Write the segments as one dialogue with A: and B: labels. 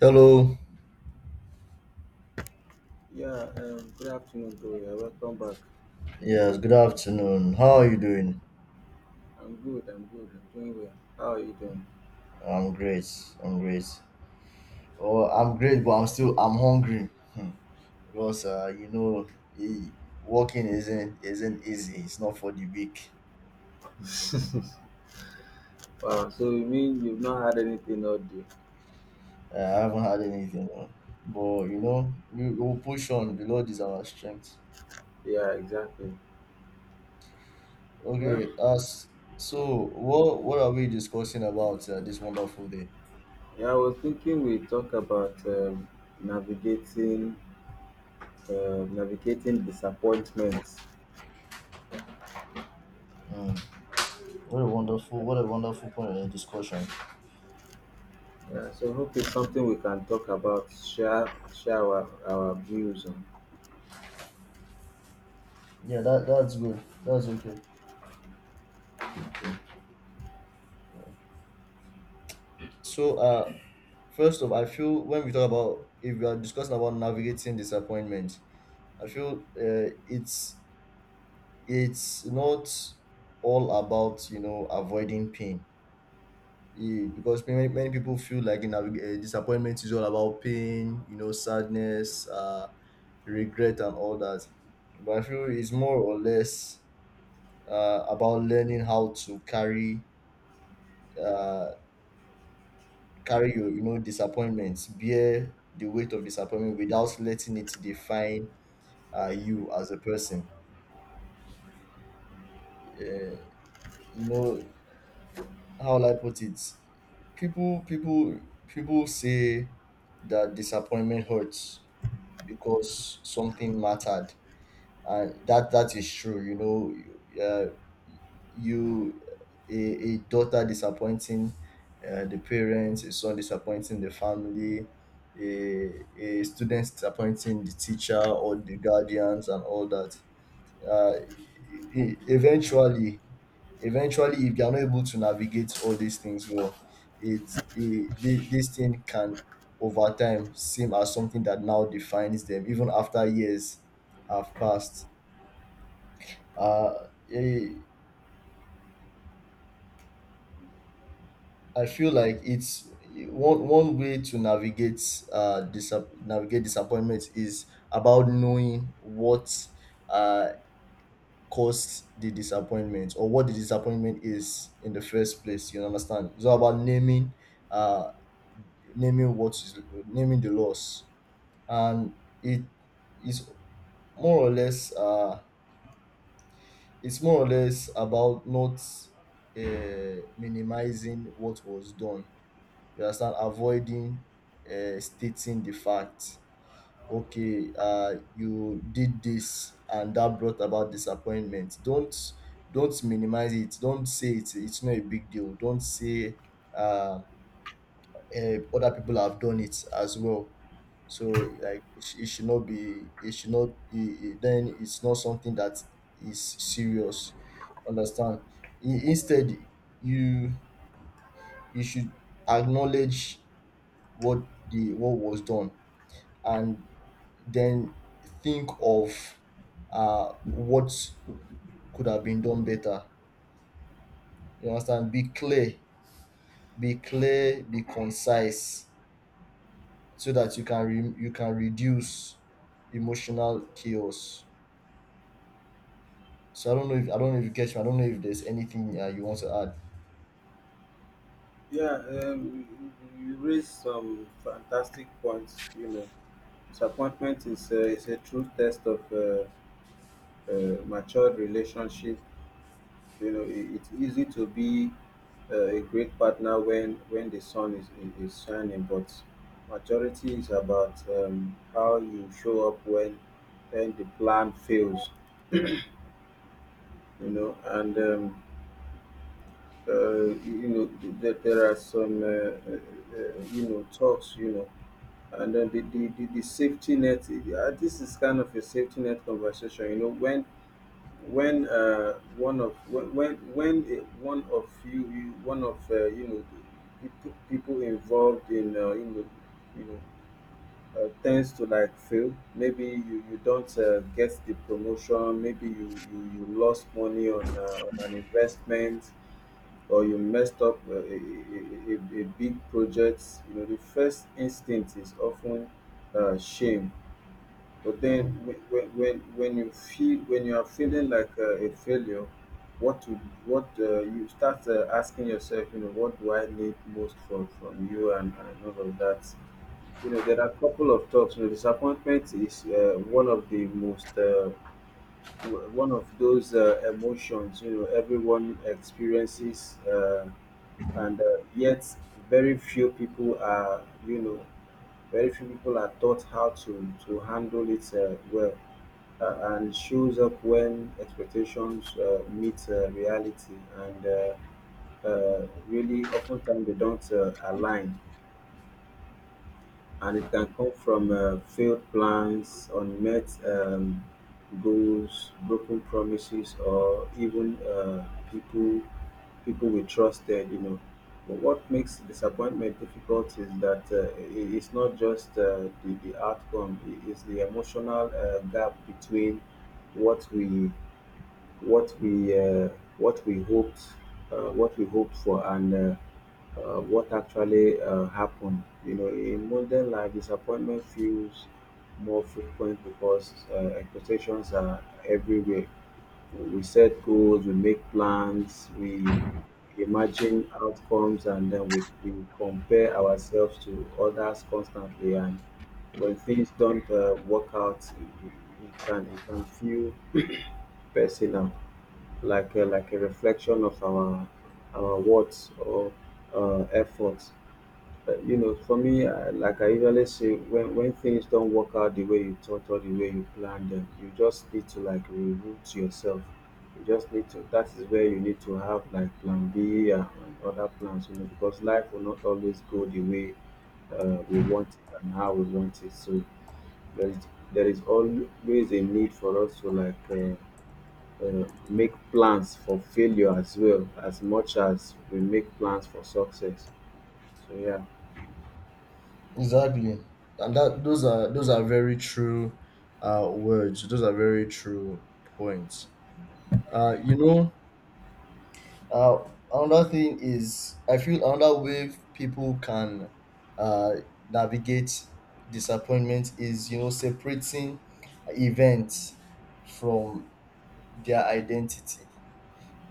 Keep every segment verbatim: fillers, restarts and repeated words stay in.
A: Hello.
B: Yeah, um, Good afternoon, bro. Yeah, welcome back.
A: Yes, good afternoon. How are you doing?
B: I'm good, I'm good, I'm doing well. How are you doing?
A: I'm great. I'm great. Oh, I'm great, but I'm still I'm hungry. Hmm. Because uh, you know, e- working isn't isn't easy. It's not for the weak.
B: Wow, so you mean you've not had anything all day?
A: Uh, I haven't had anything. uh, But you know, we will push on. The Lord is our strength.
B: Yeah, exactly. Well,
A: Okay. As So, what what are we discussing about uh, this wonderful day?
B: yeah, I was thinking we talk about um, navigating uh, navigating disappointments.
A: Hmm. What a wonderful, what a wonderful point of discussion.
B: Yeah, so hope it's something we can talk about, share share our, our views on.
A: Yeah, that that's good. That's okay.
B: Okay.
A: So, uh first off, I feel when we talk about, if we are discussing about navigating disappointment, I feel uh, it's it's not all about you know avoiding pain. Eh, because many, many people feel like, in navig- uh, disappointment is all about pain, you know, sadness, uh, regret, and all that. But I feel it's more or less, uh, about learning how to carry uh, carry your, you know disappointments, bear the weight of disappointment without letting it define uh, you as a person. You know how will I put it? People, people, People say that disappointment hurts because something mattered, and that that is true. You know, you- uh, you a, a daughter disappointing uh, the parents, a son disappointing the family. A, a student disappointing the teacher or the guardians, and all that. Uh, e- e- eventually eventually if they are not able to navigate all these things well, it, it thi- this thing can, over time, seem as something that now defines them even after years have passed. uh eh, I feel like it's one one way to navigate, uh disap- navigate disappointment is about knowing what uh caused the disappointment or what the disappointment is in the first place. You understand? It's all about naming, uh, naming what is naming the loss, and it is more or less, uh, it's more or less about not uh, minimizing what was done. You understand? Avoiding uh, stating the facts. Okay, uh you did this and that brought about disappointment. Don't don't minimize it, don't say it's it's not a big deal, don't say, uh, eh, other people have done it as well, so like it, sh- it should not be it should not i- i- then it's not something that is serious, understand? I- instead, you you should acknowledge what the what was done, and then think of uh, what could have been done better. You understand? Be clear, be clear, be concise, so that you can re- you can reduce emotional chaos. So I don't know if I don't know if you catch me. I don't know if there's anything uh, you want to add.
B: Yeah, um, you you raised some fantastic points, you know. Disappointment is a, is a true test of uh, uh, matured relationship. You know, I it's easy to be uh, a great partner when when the sun is, is is shining, but maturity is about um, how you show up when when the plan fails. You know, and um, uh, you know th- th- There are some uh, uh, uh, you know talks. You know, and then the the, the, the safety net. uh, This is kind of a safety net conversation. You know, when when uh, one of when when, when uh, one of you, you one of uh, you know people, people involved in, uh, you know you know uh, tends to like fail. Maybe you you don't uh, get the promotion. Maybe you you, you lost money on, uh, on an investment, or you messed up uh, a, a, a, a a big project. You know, the first instinct is often uh, shame. But then,
A: Mm.
B: when when when you feel when you are feeling like a, a failure, what to what uh, you start uh, asking yourself, you know, what do I need most from from you and, and all of that. You know, there are a couple of talks. You know, disappointment is uh, one of the most uh, w- one of those uh, emotions. You know, everyone experiences, uh, and uh, yet very few people are. You know, very few people are taught how to to handle it uh, well, uh, and it shows up when expectations uh, meet uh, reality, and uh, uh, really, oftentimes they don't uh, align, and it can come from uh, failed plans, unmet um, goals, broken promises, or even uh, people people we trusted. You know, but what makes disappointment difficult is that uh, i- it's not just uh, the the outcome; it is the emotional uh, gap between what we what we uh, what we hoped uh, what we hoped for, and uh, uh, what actually uh, happened. You know, in modern life, disappointment feels more frequent because uh, expectations are everywhere. We set goals, we make plans, we imagine outcomes, and then we, we compare ourselves to others constantly. And when things don't uh, work out, it, it it can it can feel personal, like a like a reflection of our our words or uh, effort. Uh, you know, for me, I, like I usually say, when when things don't work out the way you thought or the way you planned them, you just need to like reroute yourself. You just need to. That is where you need to have like plan B and other plans, you know, because life will not always go the way uh, we want it and how we want it. So there is there is always a need for us to like. Uh, uh, make plans for failure as well as much as we make plans for success. So yeah.
A: Exactly, and that those are those are very true uh, words. Those are very true points. Uh, you know, Uh, Another thing is, I feel another way people can uh, navigate disappointment is, you know, separating events from their identity.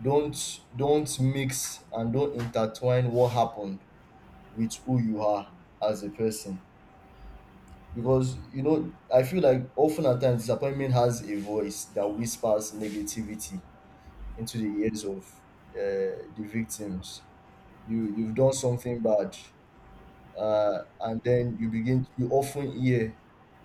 A: Don't don't mix and don't intertwine what happened with who you are as a person. Because, you know, I feel like, often at times, disappointment has a voice that whispers negativity into the ears of uh, the victims. You you've done something bad, uh, and then you begin you often hear: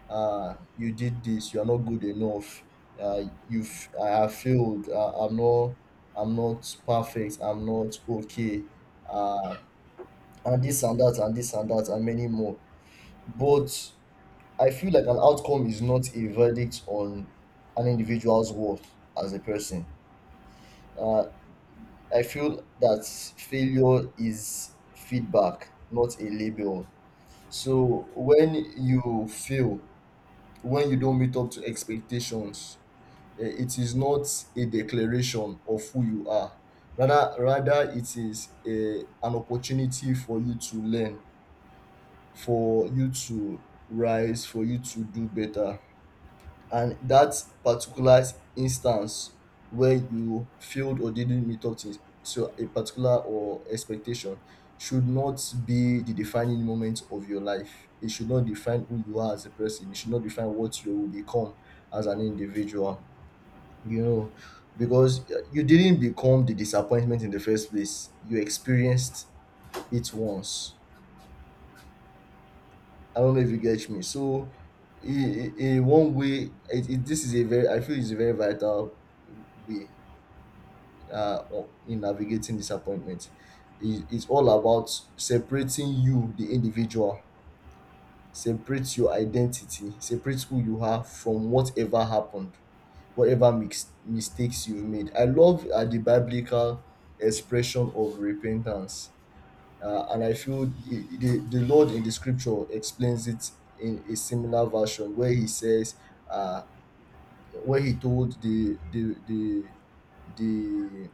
A: uh, you did this, you are not good enough, uh, you've I have failed, uh, i'm not I'm not perfect, I'm not okay, uh, and this and that, and this and that, and many more. But I feel like an outcome is not a verdict on an individual's worth as a person. uh, I feel that failure is feedback, not a label. So when you fail, when you don't meet up to expectations, eh, it is not a declaration of who you are. Rather, rather it is a, an opportunity for you to learn, for you to rise, for you to do better. And that particular instance where you failed or didn't meet up to, to a particular or expectation should not be the defining moment of your life. It should not define who you are as a person. It should not define what you will become as an individual, you know because uh, you didn't become the disappointment in the first place, you experienced it once. I don't know if you get me. So, in, in one way, it, it, this is a very, I feel it's a very vital way, uh, of- in navigating disappointment. It, it's all about separating you, the individual, separate your identity, separate who you are from whatever happened, whatever mix, mistakes you've made. I love uh, the biblical expression of repentance, uh, and I feel the, the the Lord in the scripture explains it in a similar version where he says, uh, where he told the the the the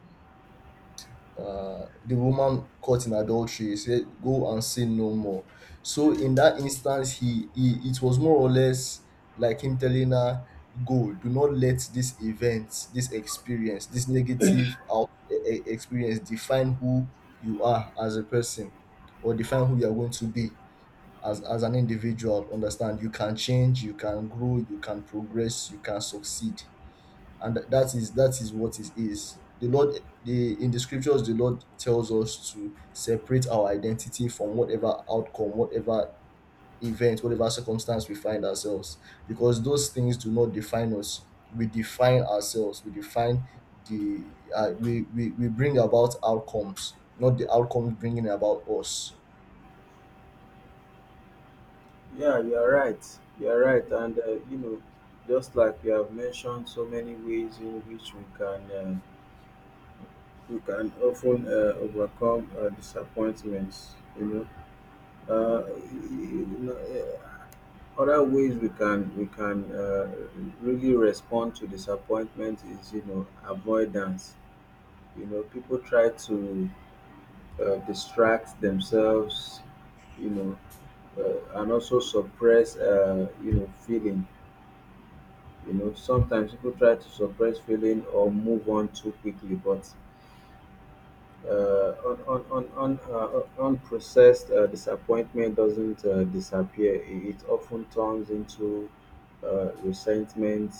A: uh, the woman caught in adultery. He said, "Go and sin no more." So in that instance, he, he it was more or less like him telling her, "Go, do not let this event, this experience, this negative out e- e- experience define who you are as a person, or define who you are going to be as as an individual." Understand? You can change, you can grow, you can progress, you can succeed. And that is that is what it is. The Lord, the in the scriptures, the Lord tells us to separate our identity from whatever outcome, whatever event, whatever circumstance we find ourselves. Because those things do not define us, we define ourselves, we define the uh, we, we we bring about outcomes, not the outcomes bringing about us.
B: Yeah, you are right. You are right, and uh, you know, just like you have mentioned, so many ways in which we can uh, we can often uh, overcome uh, disappointments. You know, uh, you know, uh, other ways we can we can uh, really respond to disappointment is, you know, avoidance. You know, people try to uh, distract themselves, you know, uh, and also suppress, uh, you know, feeling. You know, sometimes people try to suppress feeling or move on too quickly, but uh, un, un, un, un, uh, unprocessed uh, disappointment doesn't uh, disappear. It it often turns into uh, resentment,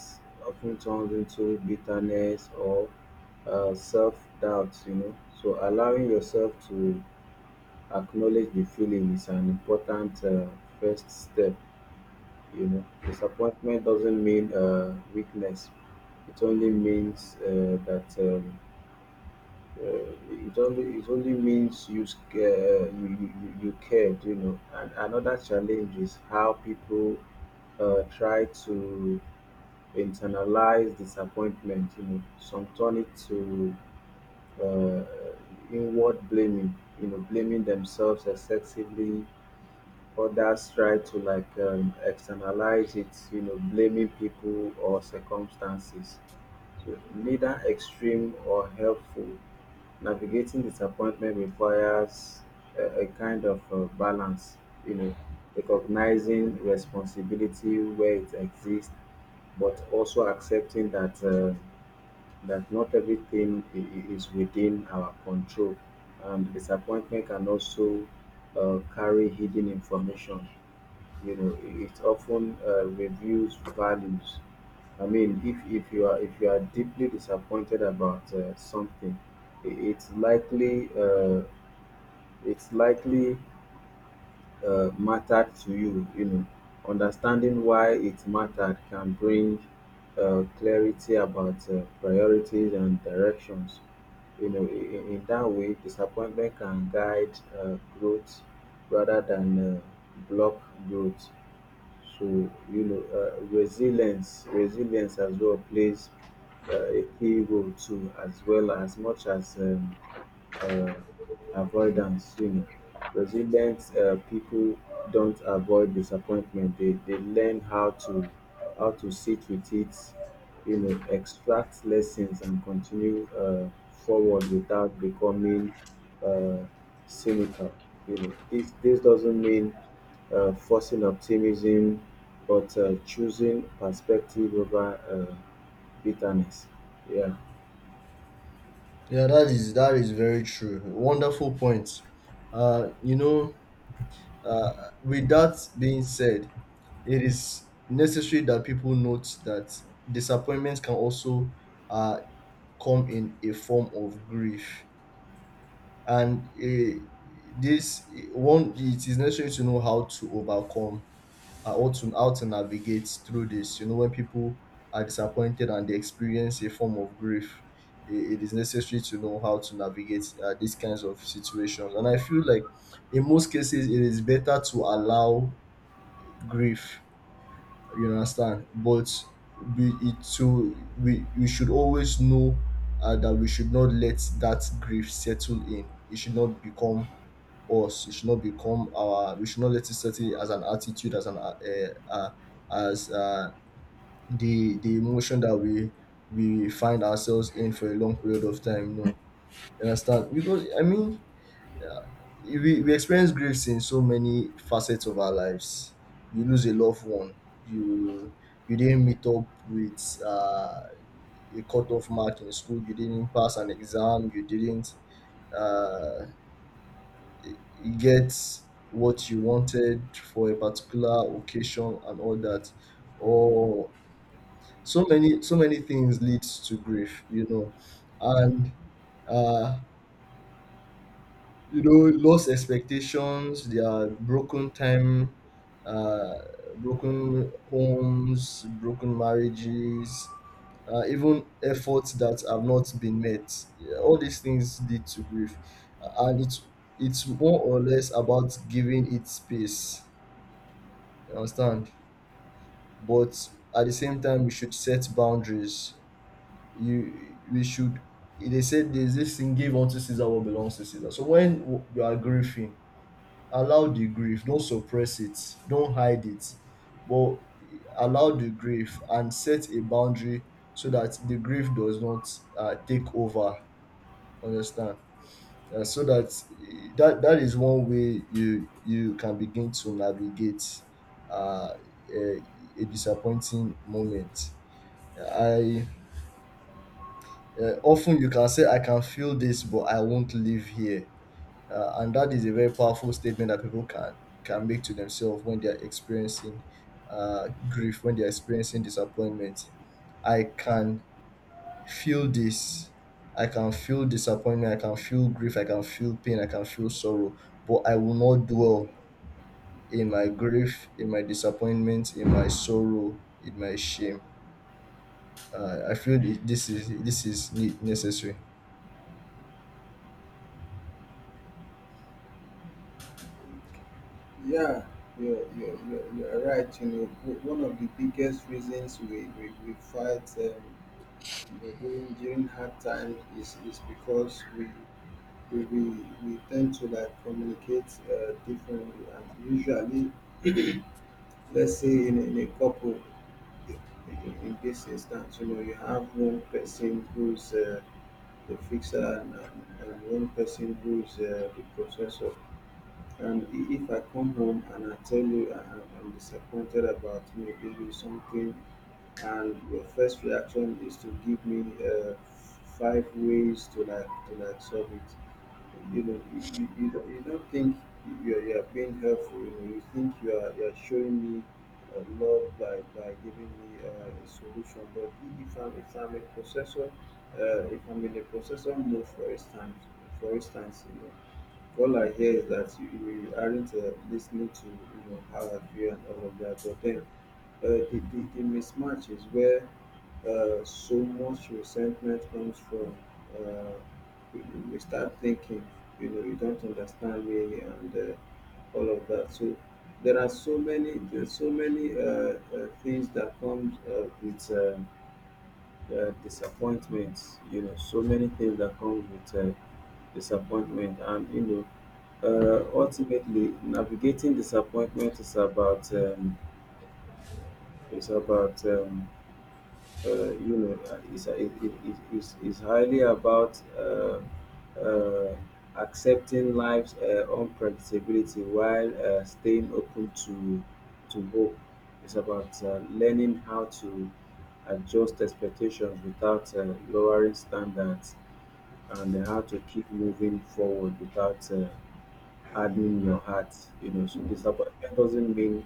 B: often turns into bitterness or uh, self doubt, you know. So allowing yourself to acknowledge the feeling is an important uh, first step. You know, disappointment doesn't mean uh, weakness. It only means uh, that um, uh, it only it only means you sc- uh, you, you you you cared. You know, and another challenge is how people uh, try to internalize disappointment. You know, some turn it to uh, inward blaming. You know, blaming themselves excessively. Others try to like um, externalize it, you know, blaming people or circumstances. So neither extreme or helpful. Navigating disappointment requires a, a kind of uh, balance, you know, recognizing responsibility where it exists, but also accepting that uh, that not everything i- i- is within our control. And disappointment can also uh, carry hidden information. You know, it often uh, reveals values. I mean, if if you are if you are deeply disappointed about uh, something, i- it's likely uh, it's likely uh, mattered to you, you know. Understanding why it mattered can bring uh, clarity about uh, priorities and directions, you know. in, in that way disappointment can guide uh, growth rather than uh, block growth. So you know, uh, resilience, resilience as well plays uh, a key role too, as well as much as um, um avoidance, you know. Resilient um people don't avoid disappointment. they they learn how to how to sit with it, you know, extract lessons and continue um forward without becoming um cynical. You know, this this doesn't mean uh, forcing optimism, but uh, choosing perspective over uh, bitterness. Yeah.
A: Yeah, that is that is very true. Wonderful point. uh you know Uh, with that being said, it is necessary that people note that disappointments can also uh, come in a form of grief, and eh, this eh, one, it is necessary to know how to overcome, uh, or to how to navigate through this. You know when people are disappointed and they experience a form of grief, eh, it is necessary to know how to navigate uh, these kinds of situations. And I feel like in most cases, it is better to allow grief, you understand. But we it so we we should always know uh, that we should not let that grief settle in. It should not become us. It should not become our We should not let it settle in as an attitude, as an uh, uh, as uh, the the emotion that we we find ourselves in for a long period of time. No. You understand? Because I mean, we, we experience griefs in so many facets of our lives. You lose a loved one. You you didn't meet up with uh, a cutoff mark in school. You didn't pass an exam. You didn't uh, get what you wanted for a particular occasion, and all that. Or, so many so many things leads to grief. You know, and uh, you know lost expectations, there are broken time uh broken homes, broken marriages, uh, even efforts that have not been met. Yeah, all these things lead to grief. Uh, and it's it's more or less about giving it space, you understand. But at the same time, we should set boundaries. You we should They said, there's this thing, give unto Caesar what belongs to Caesar. So when you are grieving, allow the grief, don't suppress it, don't hide it, but allow the grief and set a boundary so that the grief does not uh, take over, understand? Uh, so that, that that is one way you you can begin to navigate uh, a, a disappointing moment. I uh, Often you can say, "I can feel this, but I won't live here." Uh, and that is a very powerful statement that people can can make to themselves when they are experiencing uh, grief, when they are experiencing disappointment. I can feel this. I can feel disappointment. I can feel grief. I can feel pain. I can feel sorrow. But I will not dwell in my grief, in my disappointment, in my sorrow, in my shame. Uh, I feel thi- this is this is ne- necessary.
B: Yeah, you're, you're, you're, you're right. You know, w- one of the biggest reasons we, we, we fight, um, you know, during during hard time is, is because we, we we we tend to like communicate uh, differently, and usually, let's say in, a- in a couple, in, in in this instance, you know, you have one person who's uh, the fixer and, and, and one person who's uh, the processor. And i- if I come home and I tell you I, am- I'm disappointed about maybe you something, and your first reaction is to give me uh, five ways to like to like solve it, you know, you, you, you, don't, you don't think you're, you're being helpful. You know, you think you are you're showing me uh, love by, by giving me uh, a solution. But i- if I'm if I'm a processor, uh, if I'm in a processor mode, for instance, for instance, you know, all I hear is that you, you aren't uh, listening to you know how I feel and all of that. But then uh, the, the, the mismatch is where uh, so much resentment comes from. Uh, we, we start thinking, you know, you don't understand me and uh, all of that. So there are so many, there's so many uh, uh, things that comes uh, with um uh, disappointments. You know, so many things that comes with uh, disappointment, and you know, uh, ultimately navigating disappointment is about um, is about um, uh, you know uh, is it, it, it, is is highly about uh, uh, accepting life's uh, unpredictability while uh, staying open to to hope. It's about uh, learning how to adjust expectations without uh, lowering standards, and how to keep moving forward without uh, hardening your heart, you know. So disappointment doesn't mean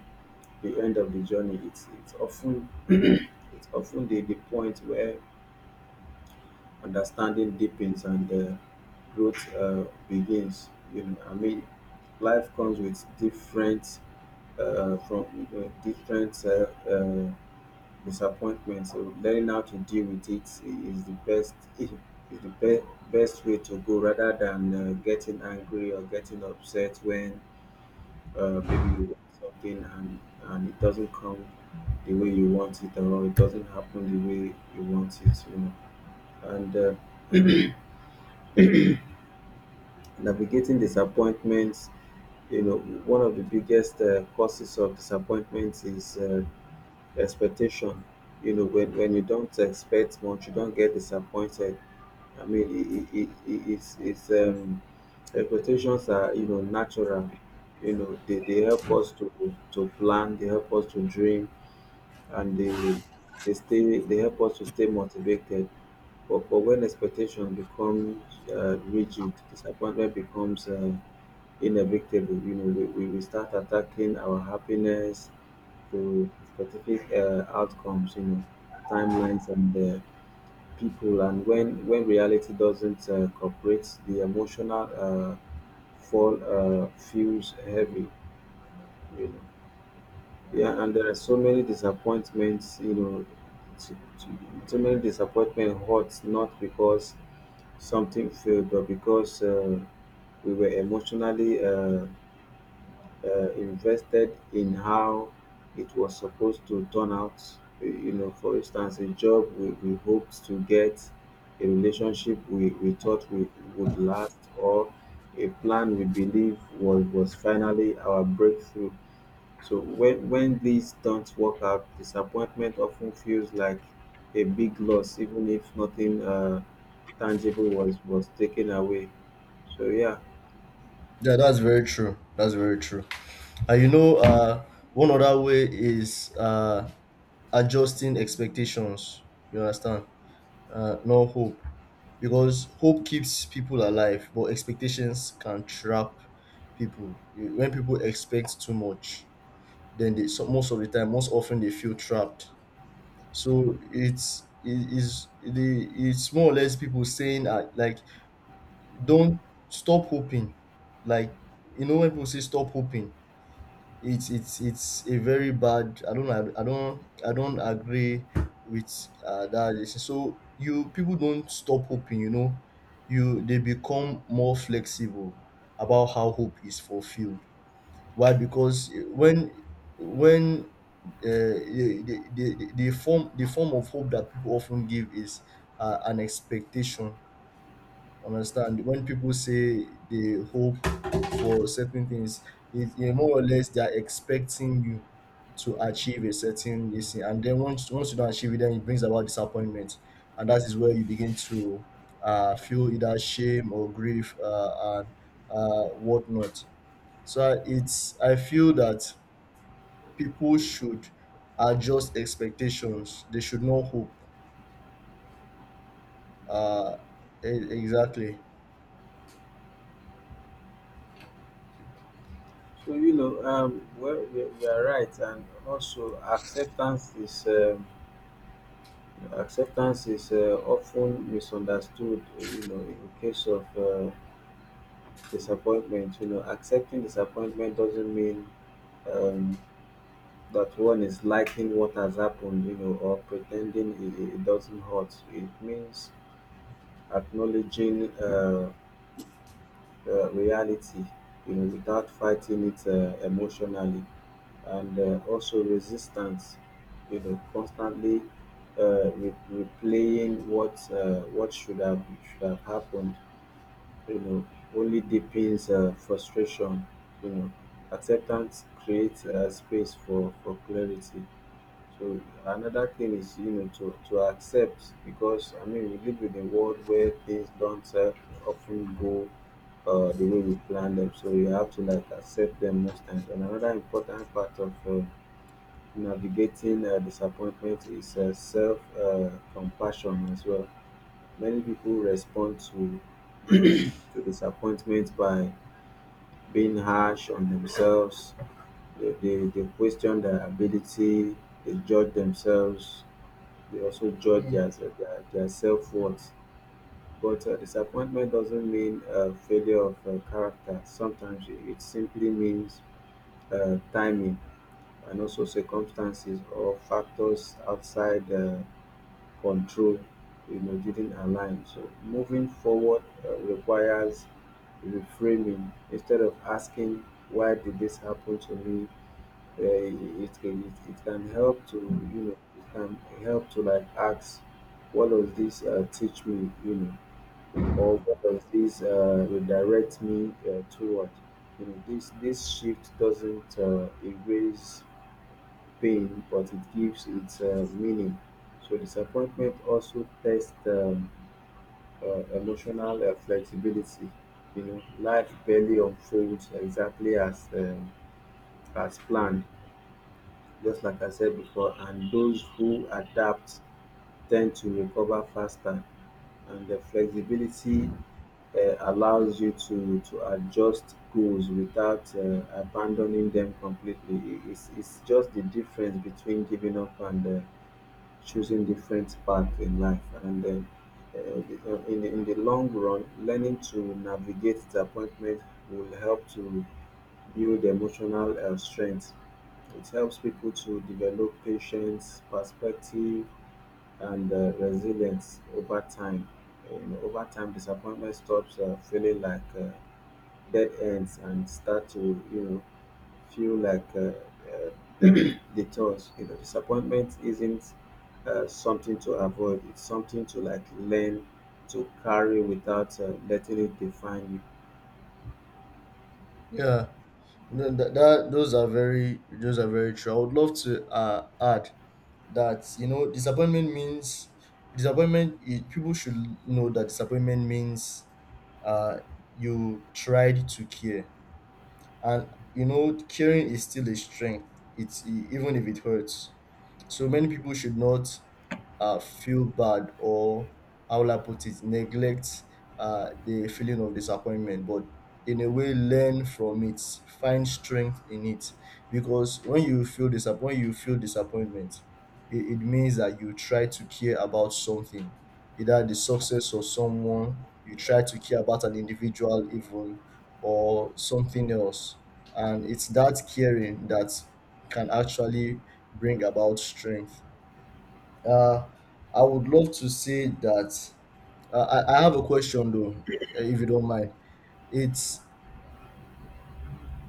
B: the end of the journey. It's it's often it's often the, the point where understanding deepens and uh, growth uh, begins. You know, I mean, life comes with different uh, from you know, different uh, uh, disappointments. So learning how to deal with it is the best is the be- best way to go rather than uh, getting angry or getting upset when uh, maybe you want something and and it doesn't come the way you want it, or it doesn't happen the way you want it, you know. And uh, navigating disappointments, you know, one of the biggest uh, causes of disappointments is uh, expectation. You know, when, when you don't expect much you don't get disappointed. I mean, it, it, it, it's, it's um, expectations are, you know, natural. You know, they, they help us to to plan, they help us to dream, and they they stay they help us to stay motivated. but, but when expectation becomes uh, rigid, disappointment becomes uh, inevitable. You know, we, we, we start attacking our happiness to specific uh, outcomes, you know, timelines and uh, people. And when when reality doesn't uh, cooperate, the emotional uh, fall uh, feels heavy, you know. Yeah, and there are so many disappointments, you know, to, to, so many disappointment hurts not because something failed, but because uh, we were emotionally uh, uh, invested in how it was supposed to turn out. You know, for instance, a job we, we hoped to get, a relationship we, we thought we would last, or a plan we believe was, was finally our breakthrough. So when when these don't work out, disappointment often feels like a big loss, even if nothing uh, tangible was was taken away. So yeah.
A: Yeah, that's very true. That's very true. And, you know, uh, one other way is uh, adjusting expectations. You understand? Uh, no hope. Because hope keeps people alive, but expectations can trap people. You- When people expect too much, then they, so most of the time, most often, they feel trapped. So it's it is the it's more or less people saying, uh, like, don't stop hoping. Like, you know when people say stop hoping, it's it's it's a very bad... I don't ag- I don't I don't agree with uh, that decision. So, you people, don't stop hoping, you know you they become more flexible about how hope is fulfilled. Why? Because when when uh, the, the, the, the form the form of hope that people often give is uh, an expectation. Understand, when people say they hope for certain things, it, you know, more or less they are expecting you to achieve a certain this thing, and then, once once you don't achieve it, then it brings about disappointment. And that is where you begin to uh, feel either shame or grief, uh, and uh, whatnot. So it's I feel that people should adjust expectations, they should not hope. uh, e- exactly.
B: So you know, um, well, you you are right, and also acceptance is um, acceptance is uh, often misunderstood. You know, in case of uh, disappointment, you know, accepting disappointment doesn't mean um, that one is liking what has happened, you know, or pretending it, it doesn't hurt. It means acknowledging uh, uh, reality, you know, without fighting it uh, emotionally, and uh, also resistance, you know, constantly uh, re- replaying what uh, what should have should have happened, you know, only deepens uh, frustration, you know. Acceptance creates uh, space for, for clarity. So another thing is, you know, to to accept, because I mean we live in a world where things don't uh, often go uh, the way we plan them. So you have to like accept them most times. And another important part of uh, navigating uh, disappointment is uh, self uh, compassion as well. Many people respond to to disappointment by being harsh on themselves. They, they, they question their ability. They judge themselves. They also judge
A: Mm.
B: their their, their self worth. But uh, disappointment doesn't mean uh, failure of uh, character. Sometimes it it simply means uh, timing and also circumstances or factors outside uh, control. You know, didn't align. So moving forward uh, requires reframing. Instead of asking why did this happen to me, uh, it, it, it, it can help to, you know, it can help to like ask, what does this uh, teach me, you know, or what does this uh, redirect me uh, toward. You know, this this shift doesn't uh, erase pain, but it gives it uh, meaning. So disappointment also tests um, uh, emotional uh, flexibility. You know, life barely unfolds exactly as um, as planned, just like I said before, and those who adapt tend to recover faster. And the flexibility uh, allows you to, to adjust goals without uh, abandoning them completely. I- It's, it's just the difference between giving up and uh, choosing different paths in life. And then uh, the- in, the, in the long run, learning to navigate disappointment will help to build emotional uh, strength. It helps people to develop patience, perspective, and uh, resilience over time. And over time, disappointment stops uh, feeling like uh, dead ends and start to, you know, feel like uh, uh, detours. You know, disappointment isn't uh, something to avoid. It's something to like learn to carry without uh, letting it define you.
A: Yeah. No, that that those are very those are very true. I would love to uh, add that, you know disappointment means disappointment. It, people should know that disappointment means uh, you tried to care, and, you know caring is still a strength. It's e- even if it hurts. So many people should not uh, feel bad, or, how will I put it, neglect uh, the feeling of disappointment, but in a way learn from it, find strength in it. Because when you feel disappoint, you feel disappointment. It, it means that you try to care about something, either the success of someone, you try to care about an individual even, or something else. And it's that caring that can actually bring about strength. Uh, I would love to say that, uh, I, I have a question though, uh, if you don't mind. It's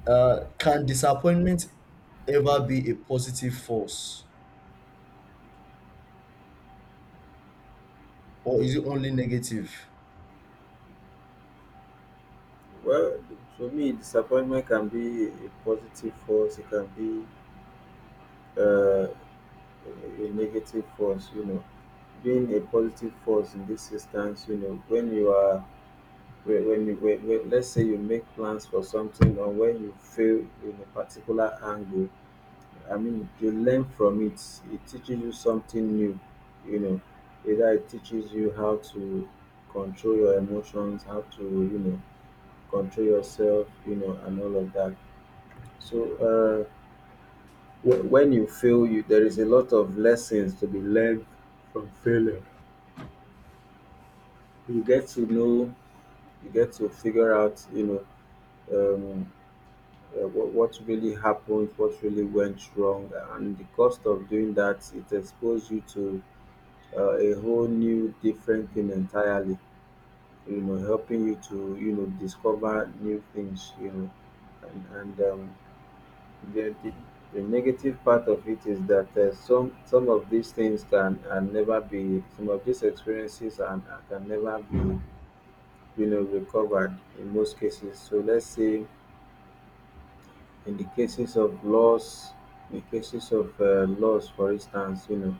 A: uh, Can disappointment ever be a positive force, or is it only negative?
B: Well, for me, disappointment can be a positive force. It can be uh, a negative force, you know. Being a positive force in this instance, you know, when you are, when when you, when, when, let's say, you make plans for something, or when you fail in a particular angle, I mean, you learn from it. It teaches you something new, you know. Either it teaches you how to control your emotions, how to, you know, control yourself, you know, and all of that. So, uh, wh- when you fail, you there is a lot of lessons to be learned from failure. You get to know, you get to figure out, you know, um, uh, what, what really happened, what really went wrong, and the cost of doing that. It exposed you to uh, a whole new, different thing entirely. You know, helping you to, you know, discover new things. You know, and, and um, the, the the negative part of it is that uh, some some of these things can, can never be, some of these experiences and can never be, you know, recovered in most cases. So let's say in the cases of loss, in cases of uh, loss, for instance, you know,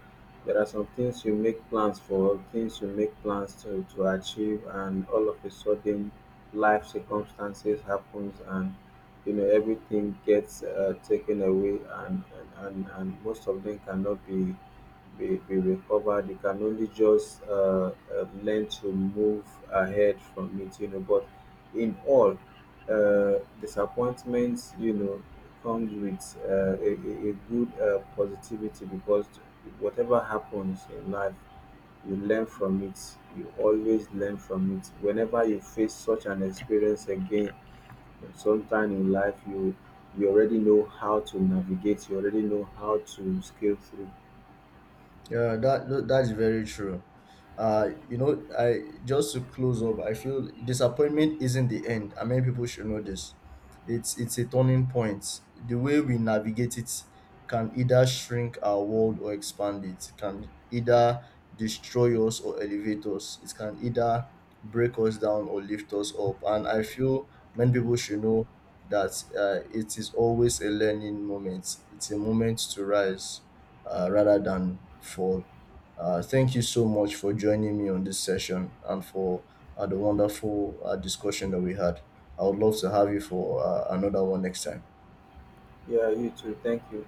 B: there are some things you make plans for, things you make plans to, to achieve, and all of a sudden life circumstances happens and, you know, everything gets uh, taken away, and, and and and most of them cannot be be, be recovered. You can only just uh, uh, learn to move ahead from it, you know. But in all, uh, disappointments, you know, comes with uh, a, a a good uh, positivity, because whatever happens in life, you learn from it. You always learn from it. Whenever you face such an experience again, sometime in life, you you already know how to navigate. You already know how to scale through.
A: Yeah, that tho- that's very true. Uh, you know, I, just to close up, I feel disappointment isn't the end. I mean, people should know this. It's it's a turning point. The way we navigate it can either shrink our world or expand it. It can either destroy us or elevate us. It can either break us down or lift us up. And I feel many people should know that uh, it is always a learning moment. It's a moment to rise uh, rather than fall. Uh, thank you so much for joining me on this session and for uh, the wonderful uh, discussion that we had. I would love to have you for uh, another one next time.
B: Yeah, you too. Thank you.